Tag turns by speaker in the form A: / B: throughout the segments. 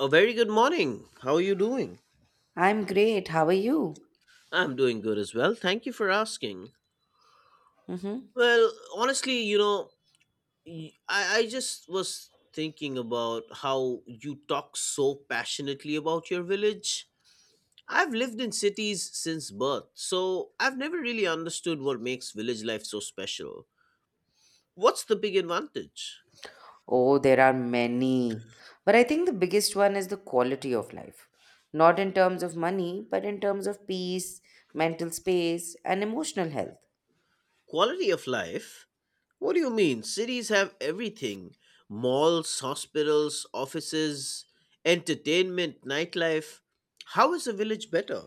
A: A very good morning. How are you doing?
B: I'm great. How are you?
A: I'm doing good as well. Thank you for asking.
B: Hmm.
A: Well, honestly, you know, y- I just was thinking about how you talk so passionately about your village. I've lived in cities since birth, so I've never really understood what makes village life so special. What's the big advantage?
B: Oh, there are many. But I think the biggest one is the quality of life. Not in terms of money, but in terms of peace, mental space, and emotional health.
A: Quality of life? What do you mean? Cities have everything: malls, hospitals, offices, entertainment, nightlife. How is a village better?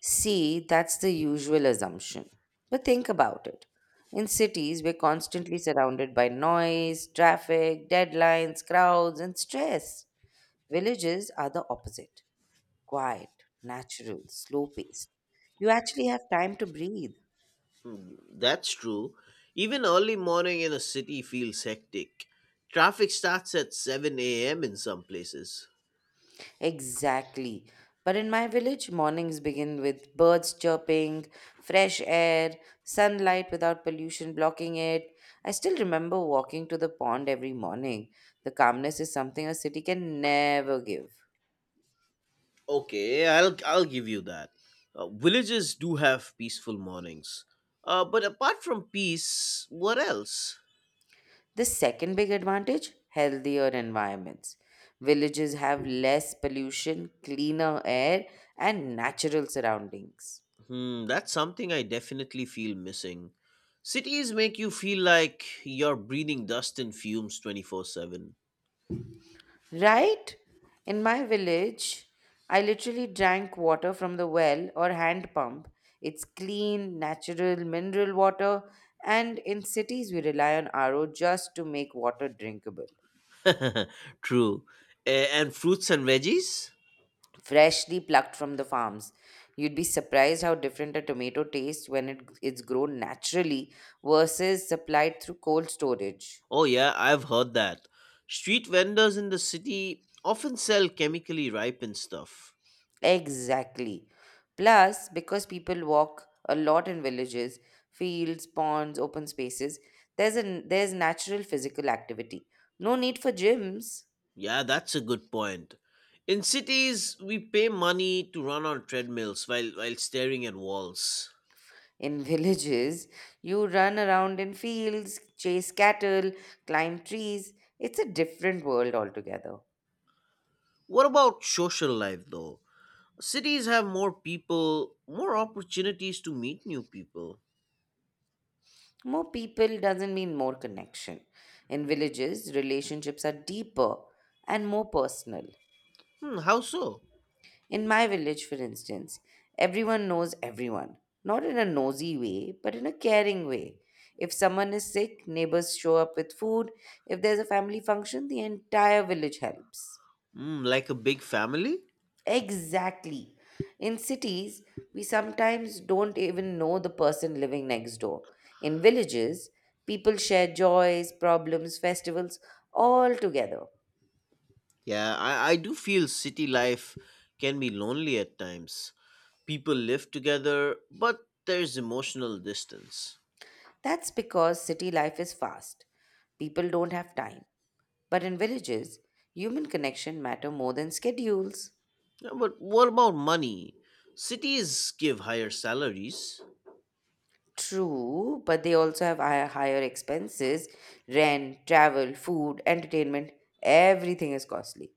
B: See, that's the usual assumption. But think about it. In cities, we're constantly surrounded by noise, traffic, deadlines, crowds, and stress. Villages are the opposite: quiet, natural, slow paced. You actually have time to breathe.
A: That's true. Even early morning in a city feels hectic. Traffic starts at 7 a.m. in some places.
B: Exactly. But in my village, mornings begin with birds chirping, fresh air, sunlight without pollution blocking it. I still remember walking to the pond every morning. The calmness is something a city can never give.
A: Okay, I'll give you that. Villages do have peaceful mornings. But apart from peace, what else?
B: The second big advantage: healthier environments. Villages have less pollution, cleaner air, and natural surroundings.
A: Hmm, that's something I definitely feel missing. Cities make you feel like you're breathing dust and fumes 24/7.
B: Right? In my village, I literally drank water from the well or hand pump. It's clean, natural mineral water, and in cities we rely on RO just to make water drinkable.
A: True. And fruits and veggies?
B: Freshly plucked from the farms. You'd be surprised how different a tomato tastes when it's grown naturally versus supplied through cold storage.
A: Oh, yeah, I've heard that. Street vendors in the city often sell chemically ripened stuff.
B: Exactly. Plus, because people walk a lot in villages, fields, ponds, open spaces, there's natural physical activity. No need for gyms.
A: Yeah, that's a good point. In cities, we pay money to run on treadmills while staring at walls.
B: In villages, you run around in fields, chase cattle, climb trees. It's a different world altogether.
A: What about social life, though? Cities have more people, more opportunities to meet new people.
B: More people doesn't mean more connection. In villages, relationships are deeper and more personal.
A: Hmm, how so?
B: In my village, for instance, everyone knows everyone. Not in a nosy way, but in a caring way. If someone is sick, neighbors show up with food. If there's a family function, the entire village helps.
A: Hmm, like a big family?
B: Exactly. In cities, we sometimes don't even know the person living next door. In villages, people share joys, problems, festivals, all together.
A: Yeah, I do feel city life can be lonely at times. People live together, but there's emotional distance.
B: That's because city life is fast. People don't have time. But in villages, human connection matter more than schedules.
A: Yeah, but what about money? Cities give higher salaries.
B: True, but they also have higher expenses: rent, travel, food, entertainment, everything is costly.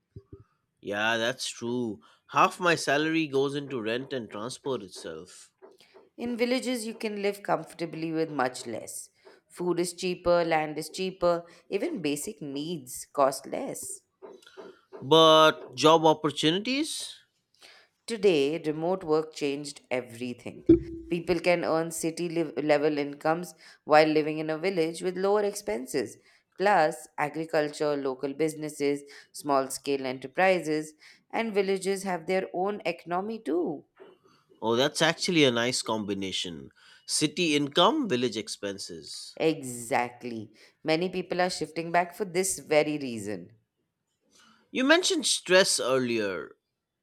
A: Yeah, that's true. Half my salary goes into rent and transport itself.
B: In villages, you can live comfortably with much less. Food is cheaper, land is cheaper, even basic needs cost less.
A: But job opportunities?
B: Today, remote work changed everything. People can earn city level incomes while living in a village with lower expenses. Plus, agriculture, local businesses, small scale enterprises, and villages have their own economy too.
A: Oh, that's actually a nice combination. City income, village expenses.
B: Exactly. Many people are shifting back for this very reason.
A: You mentioned stress earlier.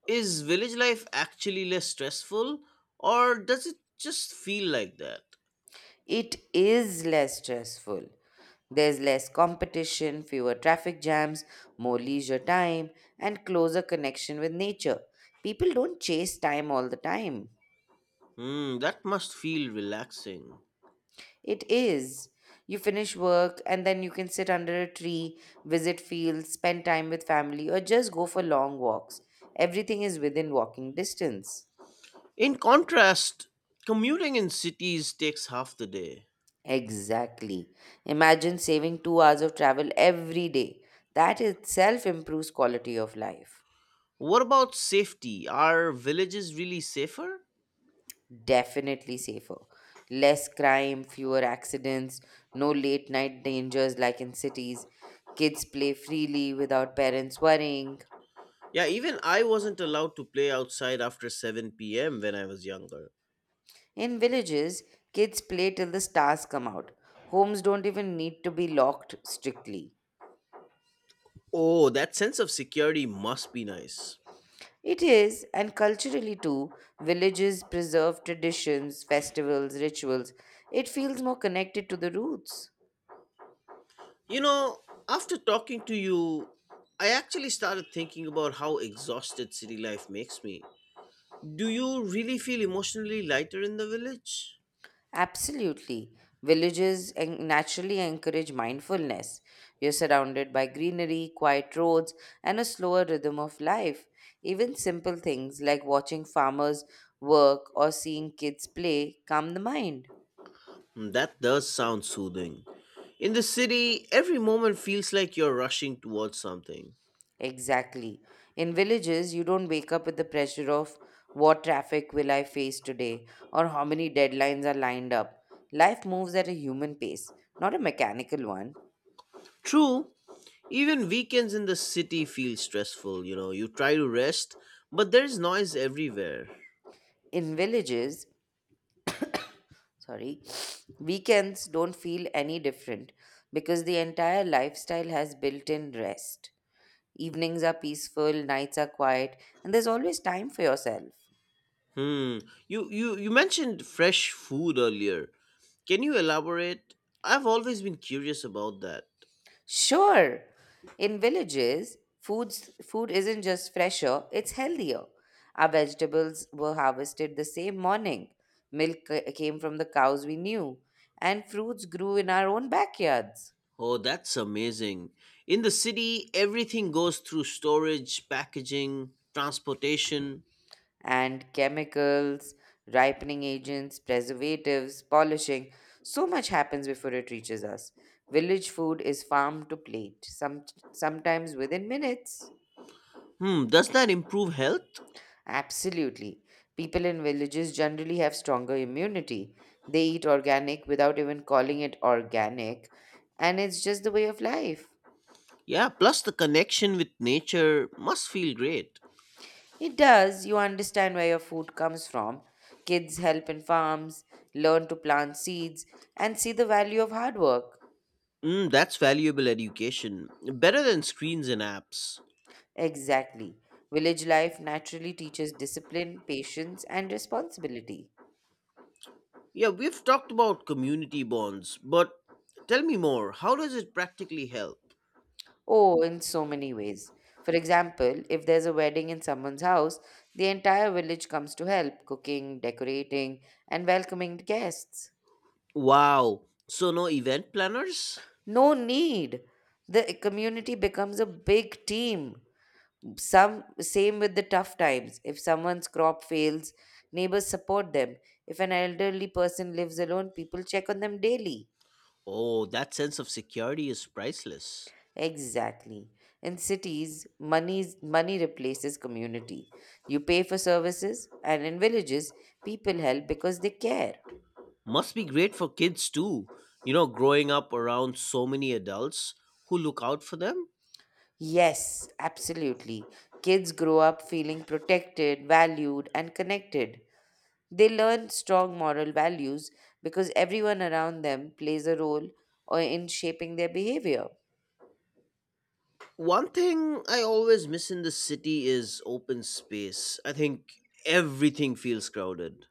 A: Is village life actually less stressful, or does it just feel like that?
B: It is less stressful. There's less competition, fewer traffic jams, more leisure time, and closer connection with nature. People don't chase time all the time.
A: Hmm, that must feel relaxing.
B: It is. You finish work and then you can sit under a tree, visit fields, spend time with family, or just go for long walks. Everything is within walking distance.
A: In contrast, commuting in cities takes half the day.
B: Exactly. Imagine saving 2 hours of travel every day. That itself improves quality of life.
A: What about safety? Are villages really safer?
B: Definitely safer. Less crime, fewer accidents, no late night dangers like in cities. Kids play freely without parents worrying.
A: Yeah, even I wasn't allowed to play outside after 7 p.m. when I was younger.
B: In villages, kids play till the stars come out. Homes don't even need to be locked strictly.
A: Oh, that sense of security must be nice.
B: It is, and culturally too, villages preserve traditions, festivals, rituals. It feels more connected to the roots.
A: You know, after talking to you, I actually started thinking about how exhausted city life makes me. Do you really feel emotionally lighter in the village?
B: Absolutely. Villages naturally encourage mindfulness. You're surrounded by greenery, quiet roads, and a slower rhythm of life. Even simple things like watching farmers work or seeing kids play calm the mind.
A: Hmm, that does sound soothing. In the city, every moment feels like you're rushing towards something.
B: Exactly. In villages, you don't wake up with the pressure of what traffic will I face today or how many deadlines are lined up. Life moves at a human pace, not a mechanical one.
A: True, even weekends in the city feel stressful, you know, you try to rest, but there's noise everywhere.
B: In villages, sorry, weekends don't feel any different because the entire lifestyle has built-in rest. Evenings are peaceful, nights are quiet, and there's always time for yourself.
A: Hmm. You mentioned fresh food earlier. Can you elaborate? I've always been curious about that.
B: Sure. In villages, foods food isn't just fresher, it's healthier. Our vegetables were harvested the same morning, milk came from the cows we knew, and fruits grew in our own backyards.
A: Oh, that's amazing. In the city, everything goes through storage, packaging, transportation.
B: And chemicals, ripening agents, preservatives, polishing. So much happens before it reaches us. Village food is farmed to plate, sometimes within minutes.
A: Hmm, does that improve health?
B: Absolutely. People in villages generally have stronger immunity. They eat organic without even calling it organic, and it's just the way of life.
A: Yeah, plus the connection with nature must feel great.
B: It does, you understand where your food comes from. Kids help in farms, learn to plant seeds, and see the value of hard work.
A: Mm, that's valuable education. Better than screens and apps.
B: Exactly. Village life naturally teaches discipline, patience, and responsibility.
A: Yeah, we've talked about community bonds, but tell me more. How does it practically help?
B: Oh, in so many ways. For example, if there's a wedding in someone's house, the entire village comes to help, cooking, decorating, and welcoming the guests.
A: Wow. So no event planners?
B: No need. The community becomes a big team. Some same with the tough times. If someone's crop fails, neighbors support them. If an elderly person lives alone, people check on them daily.
A: Oh, that sense of security is priceless.
B: Exactly. In cities, money replaces community. You pay for services, and in villages, people help because they care.
A: Must be great for kids too. You know, growing up around so many adults who look out for them.
B: Yes, absolutely. Kids grow up feeling protected, valued, and connected. They learn strong moral values because everyone around them plays a role or in shaping their behavior.
A: One thing I always miss in the city is open space. I think everything feels crowded.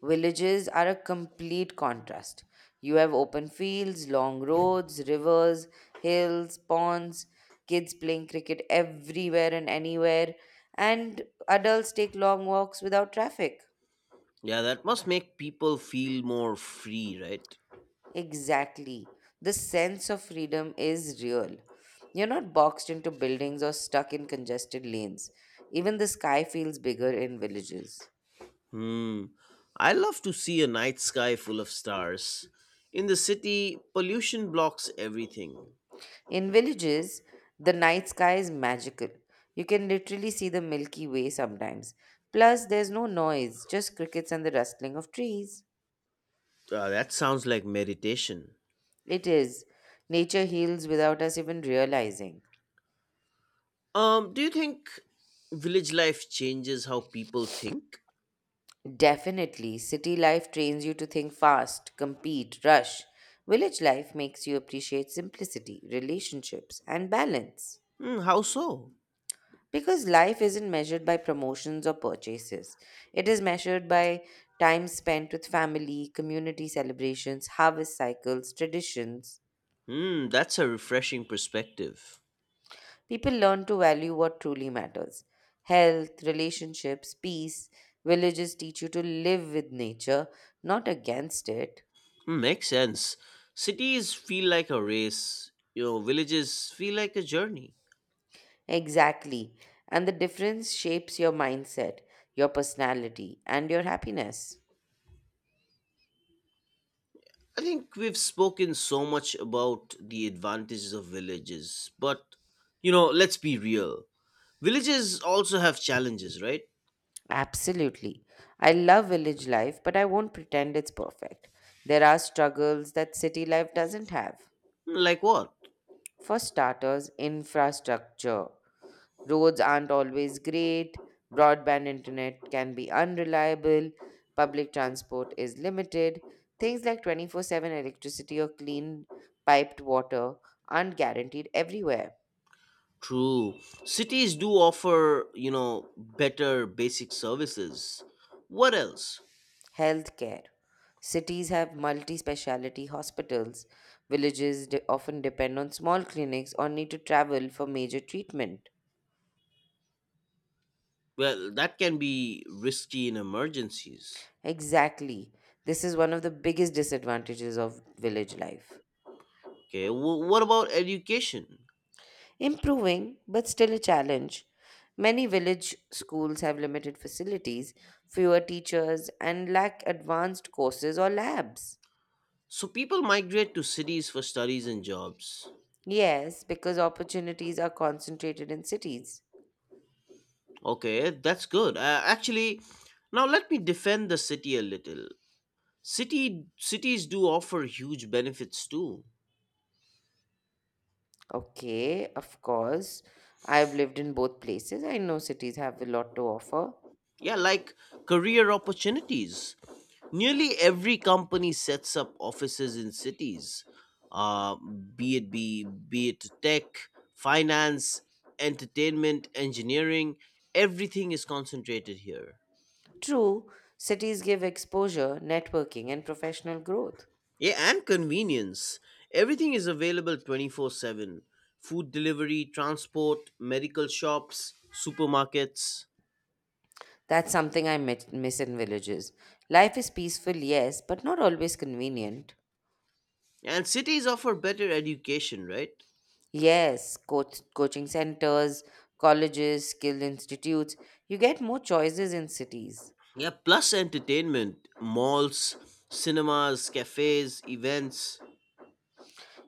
B: Villages are a complete contrast. You have open fields, long roads, rivers, hills, ponds, kids playing cricket everywhere and anywhere, and adults take long walks without traffic.
A: Yeah, that must make people feel more free, right?
B: Exactly. The sense of freedom is real. You're not boxed into buildings or stuck in congested lanes. Even the sky feels bigger in villages.
A: Hmm. I love to see a night sky full of stars. In the city, pollution blocks everything.
B: In villages, the night sky is magical. You can literally see the Milky Way sometimes. Plus, there's no noise, just crickets and the rustling of trees.
A: That sounds like meditation.
B: It is. Nature heals without us even realizing.
A: Do you think village life changes how people think?
B: Definitely, city life trains you to think fast, compete, rush. Village life makes you appreciate simplicity, relationships, and balance.
A: Hmm, how so?
B: Because life isn't measured by promotions or purchases, it is measured by time spent with family, community celebrations, harvest cycles, traditions.
A: Hmm, that's a refreshing perspective.
B: People learn to value what truly matters: health, relationships, peace. Villages teach you to live with nature, not against it.
A: Hmm, makes sense. Cities feel like a race, you know, villages feel like a journey.
B: Exactly. And the difference shapes your mindset, your personality, and your happiness.
A: I think we've spoken so much about the advantages of villages, but you know, let's be real. Villages also have challenges, right?
B: Absolutely. I love village life, but I won't pretend it's perfect. There are struggles that city life doesn't have.
A: Hmm, like what?
B: For starters, infrastructure. Roads aren't always great, broadband internet can be unreliable, public transport is limited. Things like 24/7 electricity or clean piped water aren't guaranteed everywhere.
A: True. Cities do offer, you know, better basic services. What else?
B: Healthcare. Cities have multi speciality hospitals. Villages often depend on small clinics or need to travel for major treatment.
A: Well, that can be risky in emergencies.
B: Exactly. This is one of the biggest disadvantages of village life.
A: Okay, what about education?
B: Improving, but still a challenge. Many village schools have limited facilities, fewer teachers, and lack advanced courses or labs.
A: So people migrate to cities for studies and jobs.
B: Yes, because opportunities are concentrated in cities.
A: Okay, that's good. Actually, now let me defend the city a little. City cities do offer huge benefits too.
B: Okay, of course. I've lived in both places. I know cities have a lot to offer.
A: Yeah, like career opportunities. Nearly every company sets up offices in cities, uh, be it tech, finance, entertainment, engineering. Everything is concentrated here.
B: True, cities give exposure, networking, and professional growth.
A: Yeah, and convenience. Everything is available 24/7. Food delivery, transport, medical shops, supermarkets,
B: That's something I miss in villages. Life is peaceful, yes, but not always convenient.
A: and cities offer better education, right?
B: Yes, coaching centers, colleges, skilled institutes. You get more choices in cities.
A: Yeah, plus entertainment, malls, cinemas, cafes, events.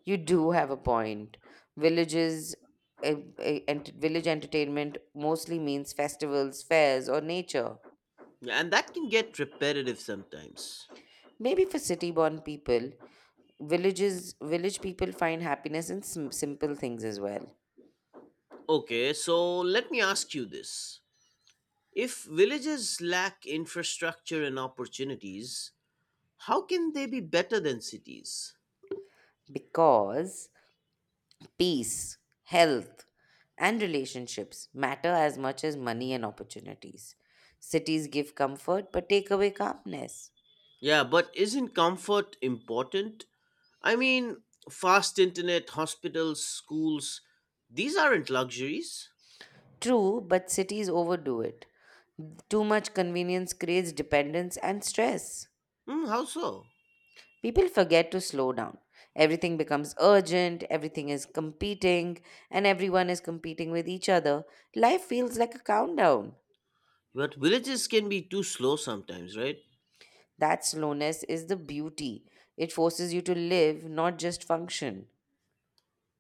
B: You do have a point. Villages, village entertainment mostly means festivals, fairs, or nature.
A: Yeah, and that can get repetitive sometimes.
B: Maybe for city-born people, village people find happiness in simple things as well,
A: Okay, so let me ask you this. If villages lack infrastructure and opportunities, how can they be better than cities?
B: because peace, health, and relationships matter as much as money and opportunities. Cities give comfort but take away calmness.
A: Yeah, but isn't comfort important? I mean, fast internet, hospitals, schools, these aren't luxuries.
B: True, but cities overdo it. Too much convenience creates dependence and stress.
A: Hmm, how so?
B: People forget to slow down. Everything becomes urgent, everything is competing, and everyone is competing with each other. Life feels like a countdown.
A: But villages can be too slow sometimes, right?
B: That slowness is the beauty. It forces you to live, not just function.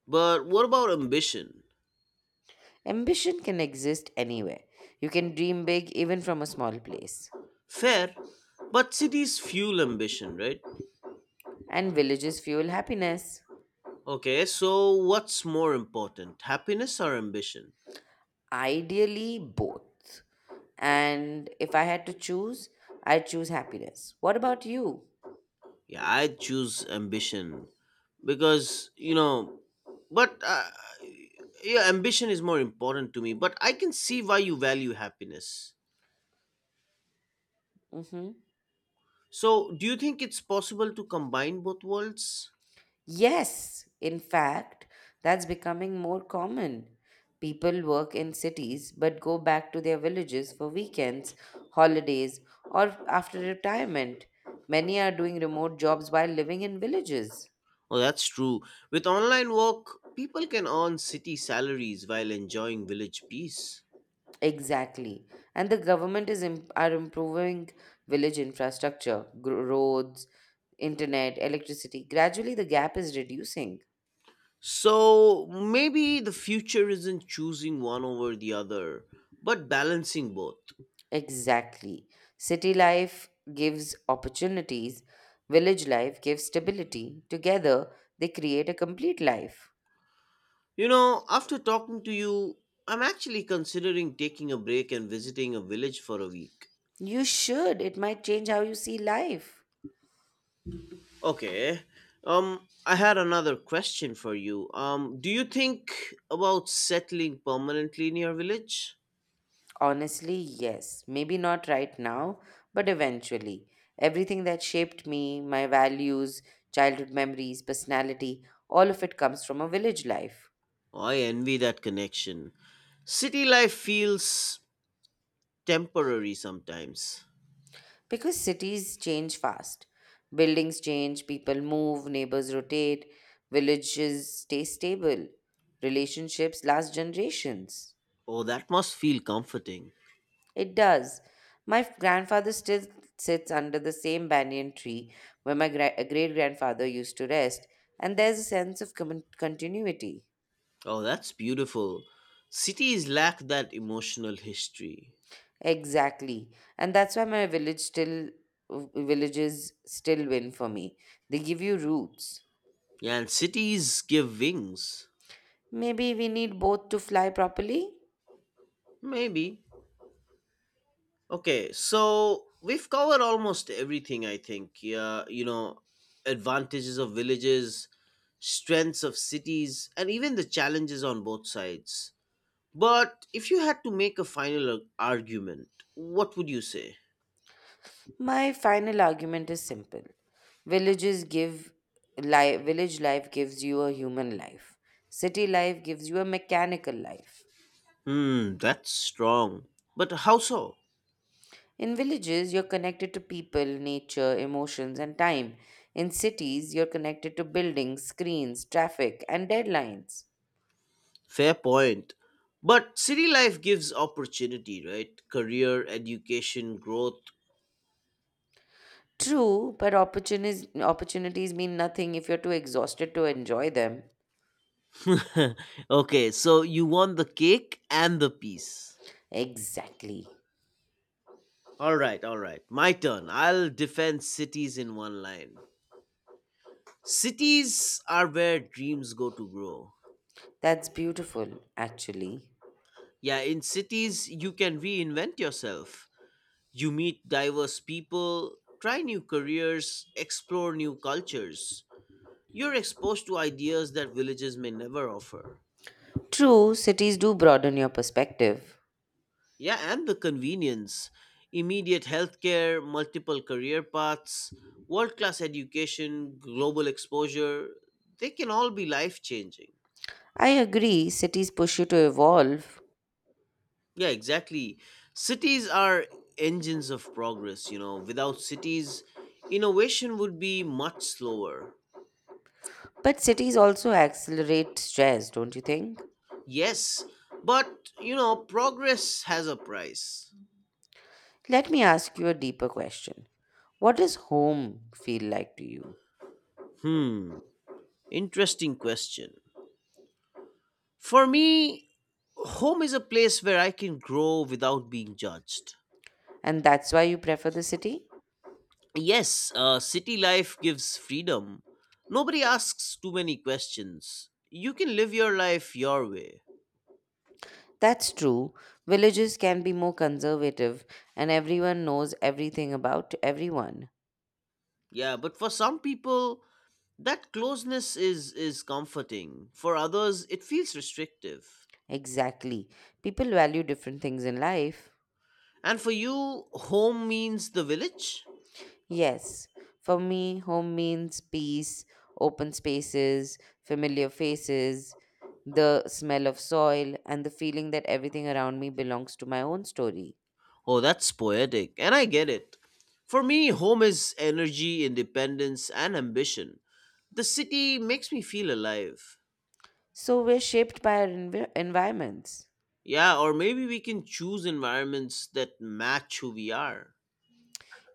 A: But what about ambition?
B: Ambition can exist anywhere. You can dream big even from a small place.
A: Fair, but cities fuel ambition, right?
B: And villages fuel happiness.
A: Okay, so what's more important, happiness or ambition?
B: Ideally, both. And if I had to choose, I'd choose happiness. What about you?
A: Yeah, I choose ambition because, you know, but yeah, ambition is more important to me, but I can see why you value happiness.
B: Hmm.
A: So, do you think it's possible to combine both worlds?
B: Yes, in fact, that's becoming more common. People work in cities but go back to their villages for weekends, holidays, or after retirement. Many are doing remote jobs while living in villages.
A: Oh, that's true. With online work, people can earn city salaries while enjoying village peace.
B: Exactly. And the government are improving village infrastructure, roads, internet, electricity. Gradually, the gap is reducing.
A: So maybe the future isn't choosing one over the other, but balancing both.
B: Exactly. City life gives opportunities, village life gives stability. Together, they create a complete life.
A: You know, after talking to you, I'm actually considering taking a break and visiting a village for a week.
B: You should. It might change how you see life.
A: Okay. I had another question for you. Do you think about settling permanently in your village?
B: Honestly, yes. Maybe not right now, but eventually. Everything that shaped me, my values, childhood memories, personality, all of it comes from a village life.
A: Oh, I envy that connection. City life feels temporary sometimes.
B: Because cities change fast. Buildings change, people move, neighbors rotate, villages stay stable, relationships last generations.
A: Oh, that must feel comforting.
B: It does. My grandfather still sits under the same banyan tree where my great grandfather used to rest, and there's a sense of continuity.
A: Oh, that's beautiful. Cities lack that emotional history.
B: Exactly. And that's why my village still villages still win for me. They give you roots.
A: Yeah, and cities give wings.
B: Maybe we need both to fly properly.
A: Maybe. Okay, so we've covered almost everything, I think. Yeah, you know, advantages of villages, strengths of cities, and even the challenges on both sides. But if you had to make a final argument, what would you say?
B: My final argument is simple. Villages give village life gives you a human life. City life gives you a mechanical life.
A: Hmm, that's strong. But how so?
B: In villages, you're connected to people, nature, emotions, and time. In cities, you're connected to buildings, screens, traffic, and deadlines.
A: Fair point. But city life gives opportunity, right? Career, education, growth.
B: True, but opportunities mean nothing if you're too exhausted to enjoy them.
A: Okay, so you want the cake and the peace.
B: Exactly.
A: All right, all right. My turn. I'll defend cities in one line. Cities are where dreams go to grow.
B: That's beautiful, actually.
A: Yeah, in cities, you can reinvent yourself. You meet diverse people, try new careers, explore new cultures. You're exposed to ideas that villages may never offer.
B: True, cities do broaden your perspective.
A: Yeah, and the convenience. Immediate healthcare, multiple career paths, world class education, global exposure, they can all be life changing.
B: I agree, cities push you to evolve,
A: Yeah, exactly. Cities are engines of progress, you know. Without cities, innovation would be much slower.
B: but cities also accelerate stress, don't you think?
A: Yes, but, you know, progress has a price.
B: Let me ask you a deeper question. What does home feel like to you?
A: Hmm, interesting question. For me, home is a place where I can grow without being judged.
B: And that's why you prefer the city?
A: Yes, city life gives freedom. Nobody asks too many questions. You can live your life your way.
B: That's true. Villages can be more conservative, and everyone knows everything about everyone.
A: Yeah, but for some people, that closeness is comforting. For others, it feels restrictive.
B: Exactly. People value different things in life.
A: And for you, home means the village?
B: Yes, for me, home means peace, open spaces, familiar faces, the smell of soil, and the feeling that everything around me belongs to my own story.
A: Oh, that's poetic, and I get it. For me, home is energy, independence, and ambition. The city makes me feel alive.
B: So we're shaped by our environments.
A: Yeah, or maybe we can choose environments that match who we are.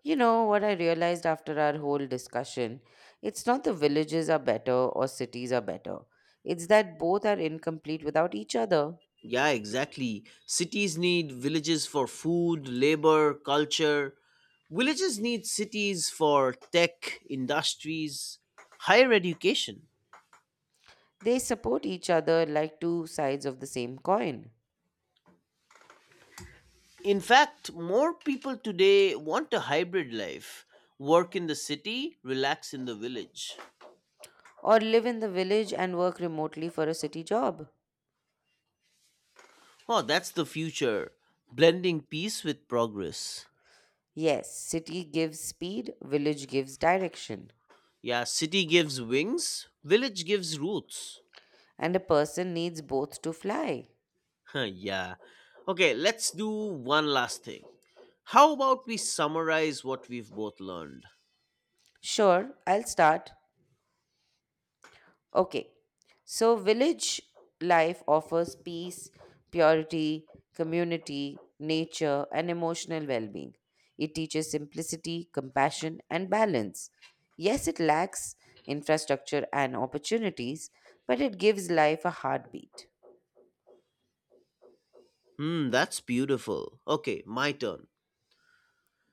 B: You know what I realized after our whole discussion? It's not the villages are better or cities are better. It's that both are incomplete without each other.
A: Yeah, exactly. Cities need villages for food, labor, culture. Villages need cities for tech, industries, higher education.
B: They support each other like two sides of the same coin.
A: In fact, more people today want a hybrid life: work in the city, relax in the village.
B: Or live in the village and work remotely for a city job.
A: Oh, that's the future, blending peace with progress.
B: Yes, city gives speed, village gives direction,
A: Yeah, city gives wings, village gives roots.
B: and a person needs both to fly.
A: Yeah. Okay, let's do one last thing. How about we summarize what we've both learned?
B: Sure, I'll start. Okay. So, village life offers peace, purity, community, nature, and emotional well being. It teaches simplicity, compassion, and balance. Yes, it lacks infrastructure and opportunities, but it gives life a heartbeat.
A: Hmm, that's beautiful. Okay, my turn.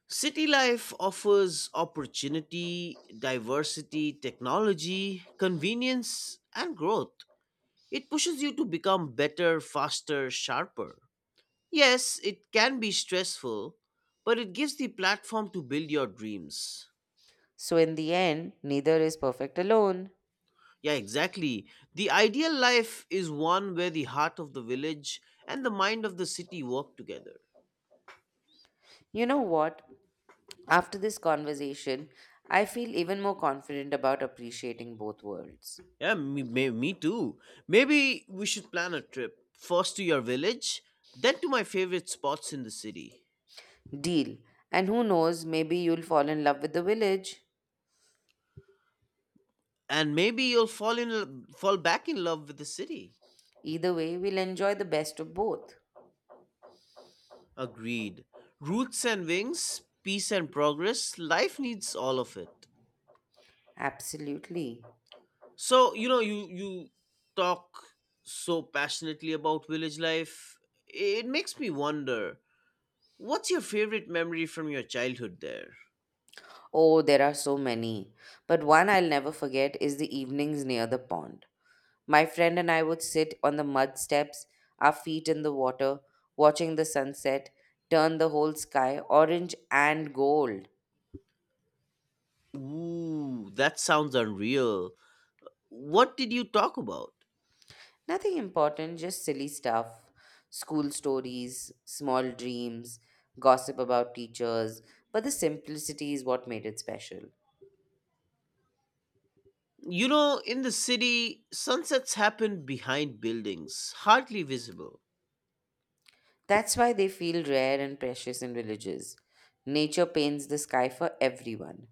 A: City life offers opportunity, diversity, technology, convenience, and growth. It pushes you to become better, faster, sharper. Yes, it can be stressful, but it gives the platform to build your dreams.
B: So, in the end, neither is perfect alone.
A: Yeah, exactly. The ideal life is one where the heart of the village and the mind of the city work together.
B: You know what? After this conversation, I feel even more confident about appreciating both worlds.
A: Yeah, me too. Maybe we should plan a trip. First to your village, then to my favorite spots in the city.
B: Deal. And who knows, maybe you'll fall in love with the village.
A: And maybe you'll fall back in love with the city.
B: Either way, we'll enjoy the best of both.
A: Agreed. Roots and wings, peace and progress, life needs all of it.
B: Absolutely.
A: So, you know, you talk so passionately about village life. It makes me wonder, what's your favorite memory from your childhood there?
B: Oh, there are so many. But one I'll never forget is the evenings near the pond. My friend and I would sit on the mud steps, our feet in the water, watching the sunset turn the whole sky orange and gold.
A: Ooh, that sounds unreal. What did you talk about?
B: Nothing important, just silly stuff. School stories, small dreams, gossip about teachers, but the simplicity is what made it special.
A: You know, in the city, sunsets happen behind buildings, hardly visible.
B: That's why they feel rare and precious in villages. Nature paints the sky for everyone.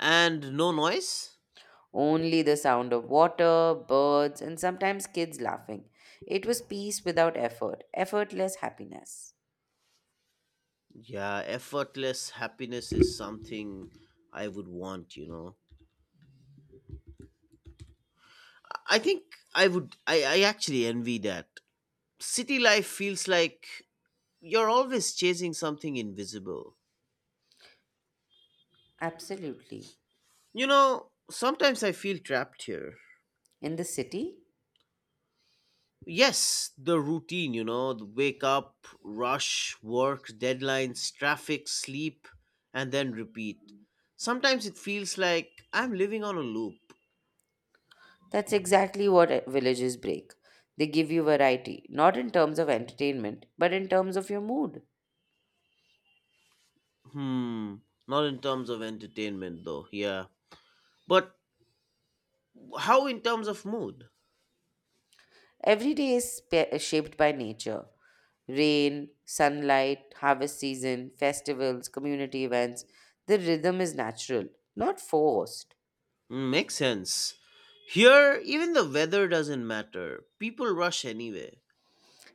A: And no noise?
B: Only the sound of water, birds, and sometimes kids laughing. It was peace without effort, effortless happiness.
A: Yeah, effortless happiness is something I would want, you know. I think I actually envy that. City life feels like you're always chasing something invisible.
B: Absolutely.
A: You know, sometimes I feel trapped here.
B: In the city,
A: Yes, the routine, you know, the wake up, rush, work, deadlines, traffic, sleep, and then repeat. Sometimes it feels like I'm living on a loop.
B: that's exactly what villages break. They give you variety, not in terms of entertainment, but in terms of your mood.
A: Hmm, not in terms of entertainment though, yeah. But how in terms of mood?
B: Every day is shaped by nature, rain, sunlight, harvest season, festivals, community events. The rhythm is natural, not forced.
A: Mm, makes sense. Here, even the weather doesn't matter. People rush anyway.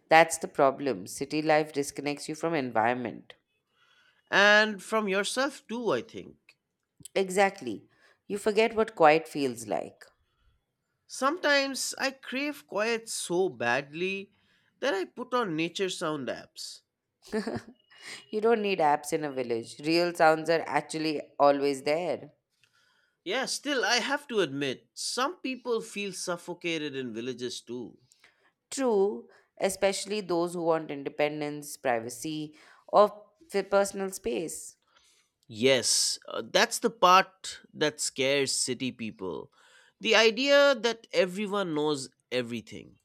B: That's the problem. City life disconnects you from environment.
A: And from yourself too, I think.
B: Exactly. You forget what quiet feels like.
A: Sometimes I crave quiet so badly that I put on nature sound apps.
B: You don't need apps in a village. Real sounds are actually always there.
A: Yeah, still, I have to admit, some people feel suffocated in villages too.
B: True, especially those who want independence, privacy, or personal space.
A: Yes, that's the part that scares city people. The idea that everyone knows everything.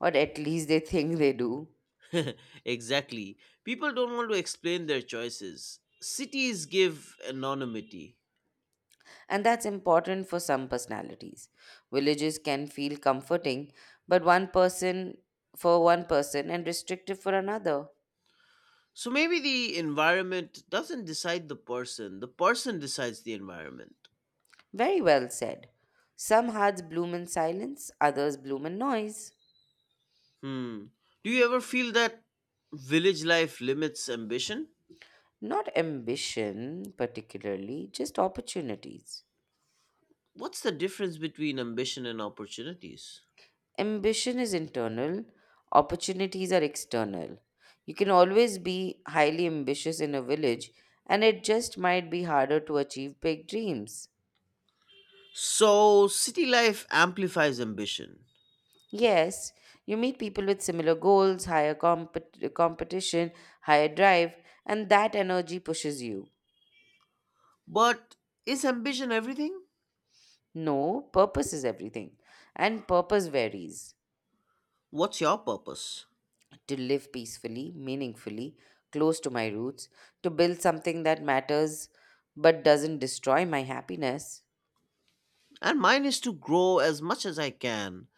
B: Or at least they think they do.
A: Exactly. People don't want to explain their choices. Cities give anonymity.
B: And that's important for some personalities. Villages can feel comforting, but one person for one person and restrictive for another.
A: So maybe the environment doesn't decide the person decides the environment.
B: Very well said. Some hearts bloom in silence, others bloom in noise.
A: Hmm. Do you ever feel that village life limits ambition?
B: Not ambition, particularly, just opportunities.
A: What's the difference between ambition and opportunities?
B: Ambition is internal, opportunities are external. You can always be highly ambitious in a village, and it just might be harder to achieve big dreams.
A: So, city life amplifies ambition.
B: Yes, you meet people with similar goals, higher competition, higher drive, and that energy pushes you.
A: But is ambition everything?
B: No, purpose is everything. And purpose varies.
A: What's your purpose?
B: To live peacefully, meaningfully, close to my roots, to build something that matters but doesn't destroy my happiness.
A: And mine is to grow as much as I can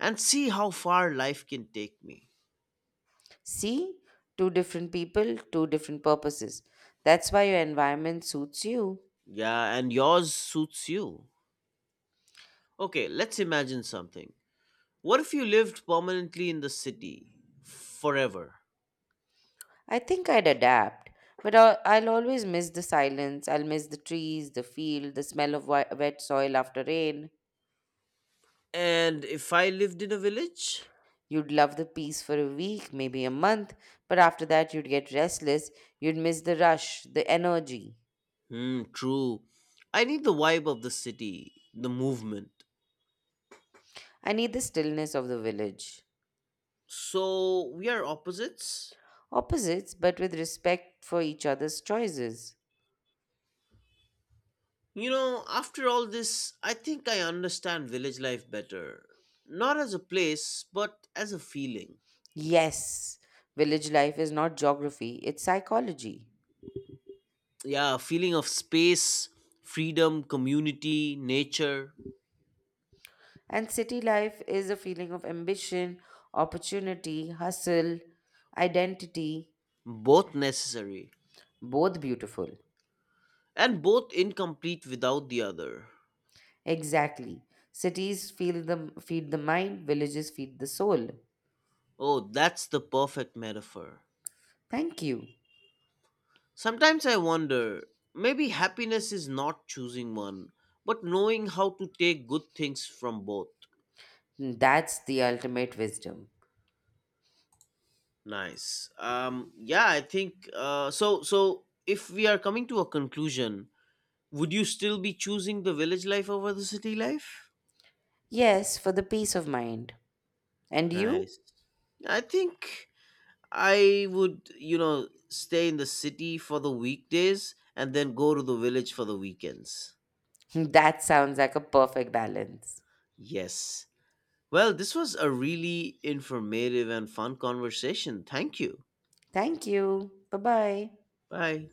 A: and see how far life can take me.
B: See, two different people, two different purposes. That's why your environment suits you.
A: Yeah, and yours suits you. Okay, let's imagine something. What if you lived permanently in the city forever?
B: I think I'd adapt, but I'll always miss the silence. I'll miss the trees, the field, the smell of wet soil after rain.
A: And if I lived in a village?
B: You'd love the peace for a week, maybe a month, but after that you'd get restless, you'd miss the rush, the energy.
A: Hmm, true. I need the vibe of the city, the movement.
B: I need the stillness of the village.
A: So we are opposites?
B: Opposites, but with respect for each other's choices.
A: You know, after all this, I think I understand village life better. Not as a place, but as a feeling.
B: Yes, village life is not geography, it's psychology.
A: Yeah, a feeling of space, freedom, community, nature,
B: And city life is a feeling of ambition, opportunity, hustle, identity,
A: both necessary,
B: both beautiful.
A: and both incomplete without the other.
B: Exactly. Cities feed the mind, villages feed the soul.
A: Oh, that's the perfect metaphor.
B: Thank you.
A: Sometimes I wonder, maybe happiness is not choosing one, but knowing how to take good things from both.
B: That's the ultimate wisdom.
A: Nice. Yeah, I think so if we are coming to a conclusion, would you still be choosing the village life over the city life?
B: Yes, for the peace of mind. And you?
A: Nice. I think I would, you know, stay in the city for the weekdays and then go to the village for the weekends.
B: That sounds like a perfect balance.
A: Yes. Well, this was a really informative and fun conversation. Thank you.
B: Thank you. Bye bye.
A: Bye.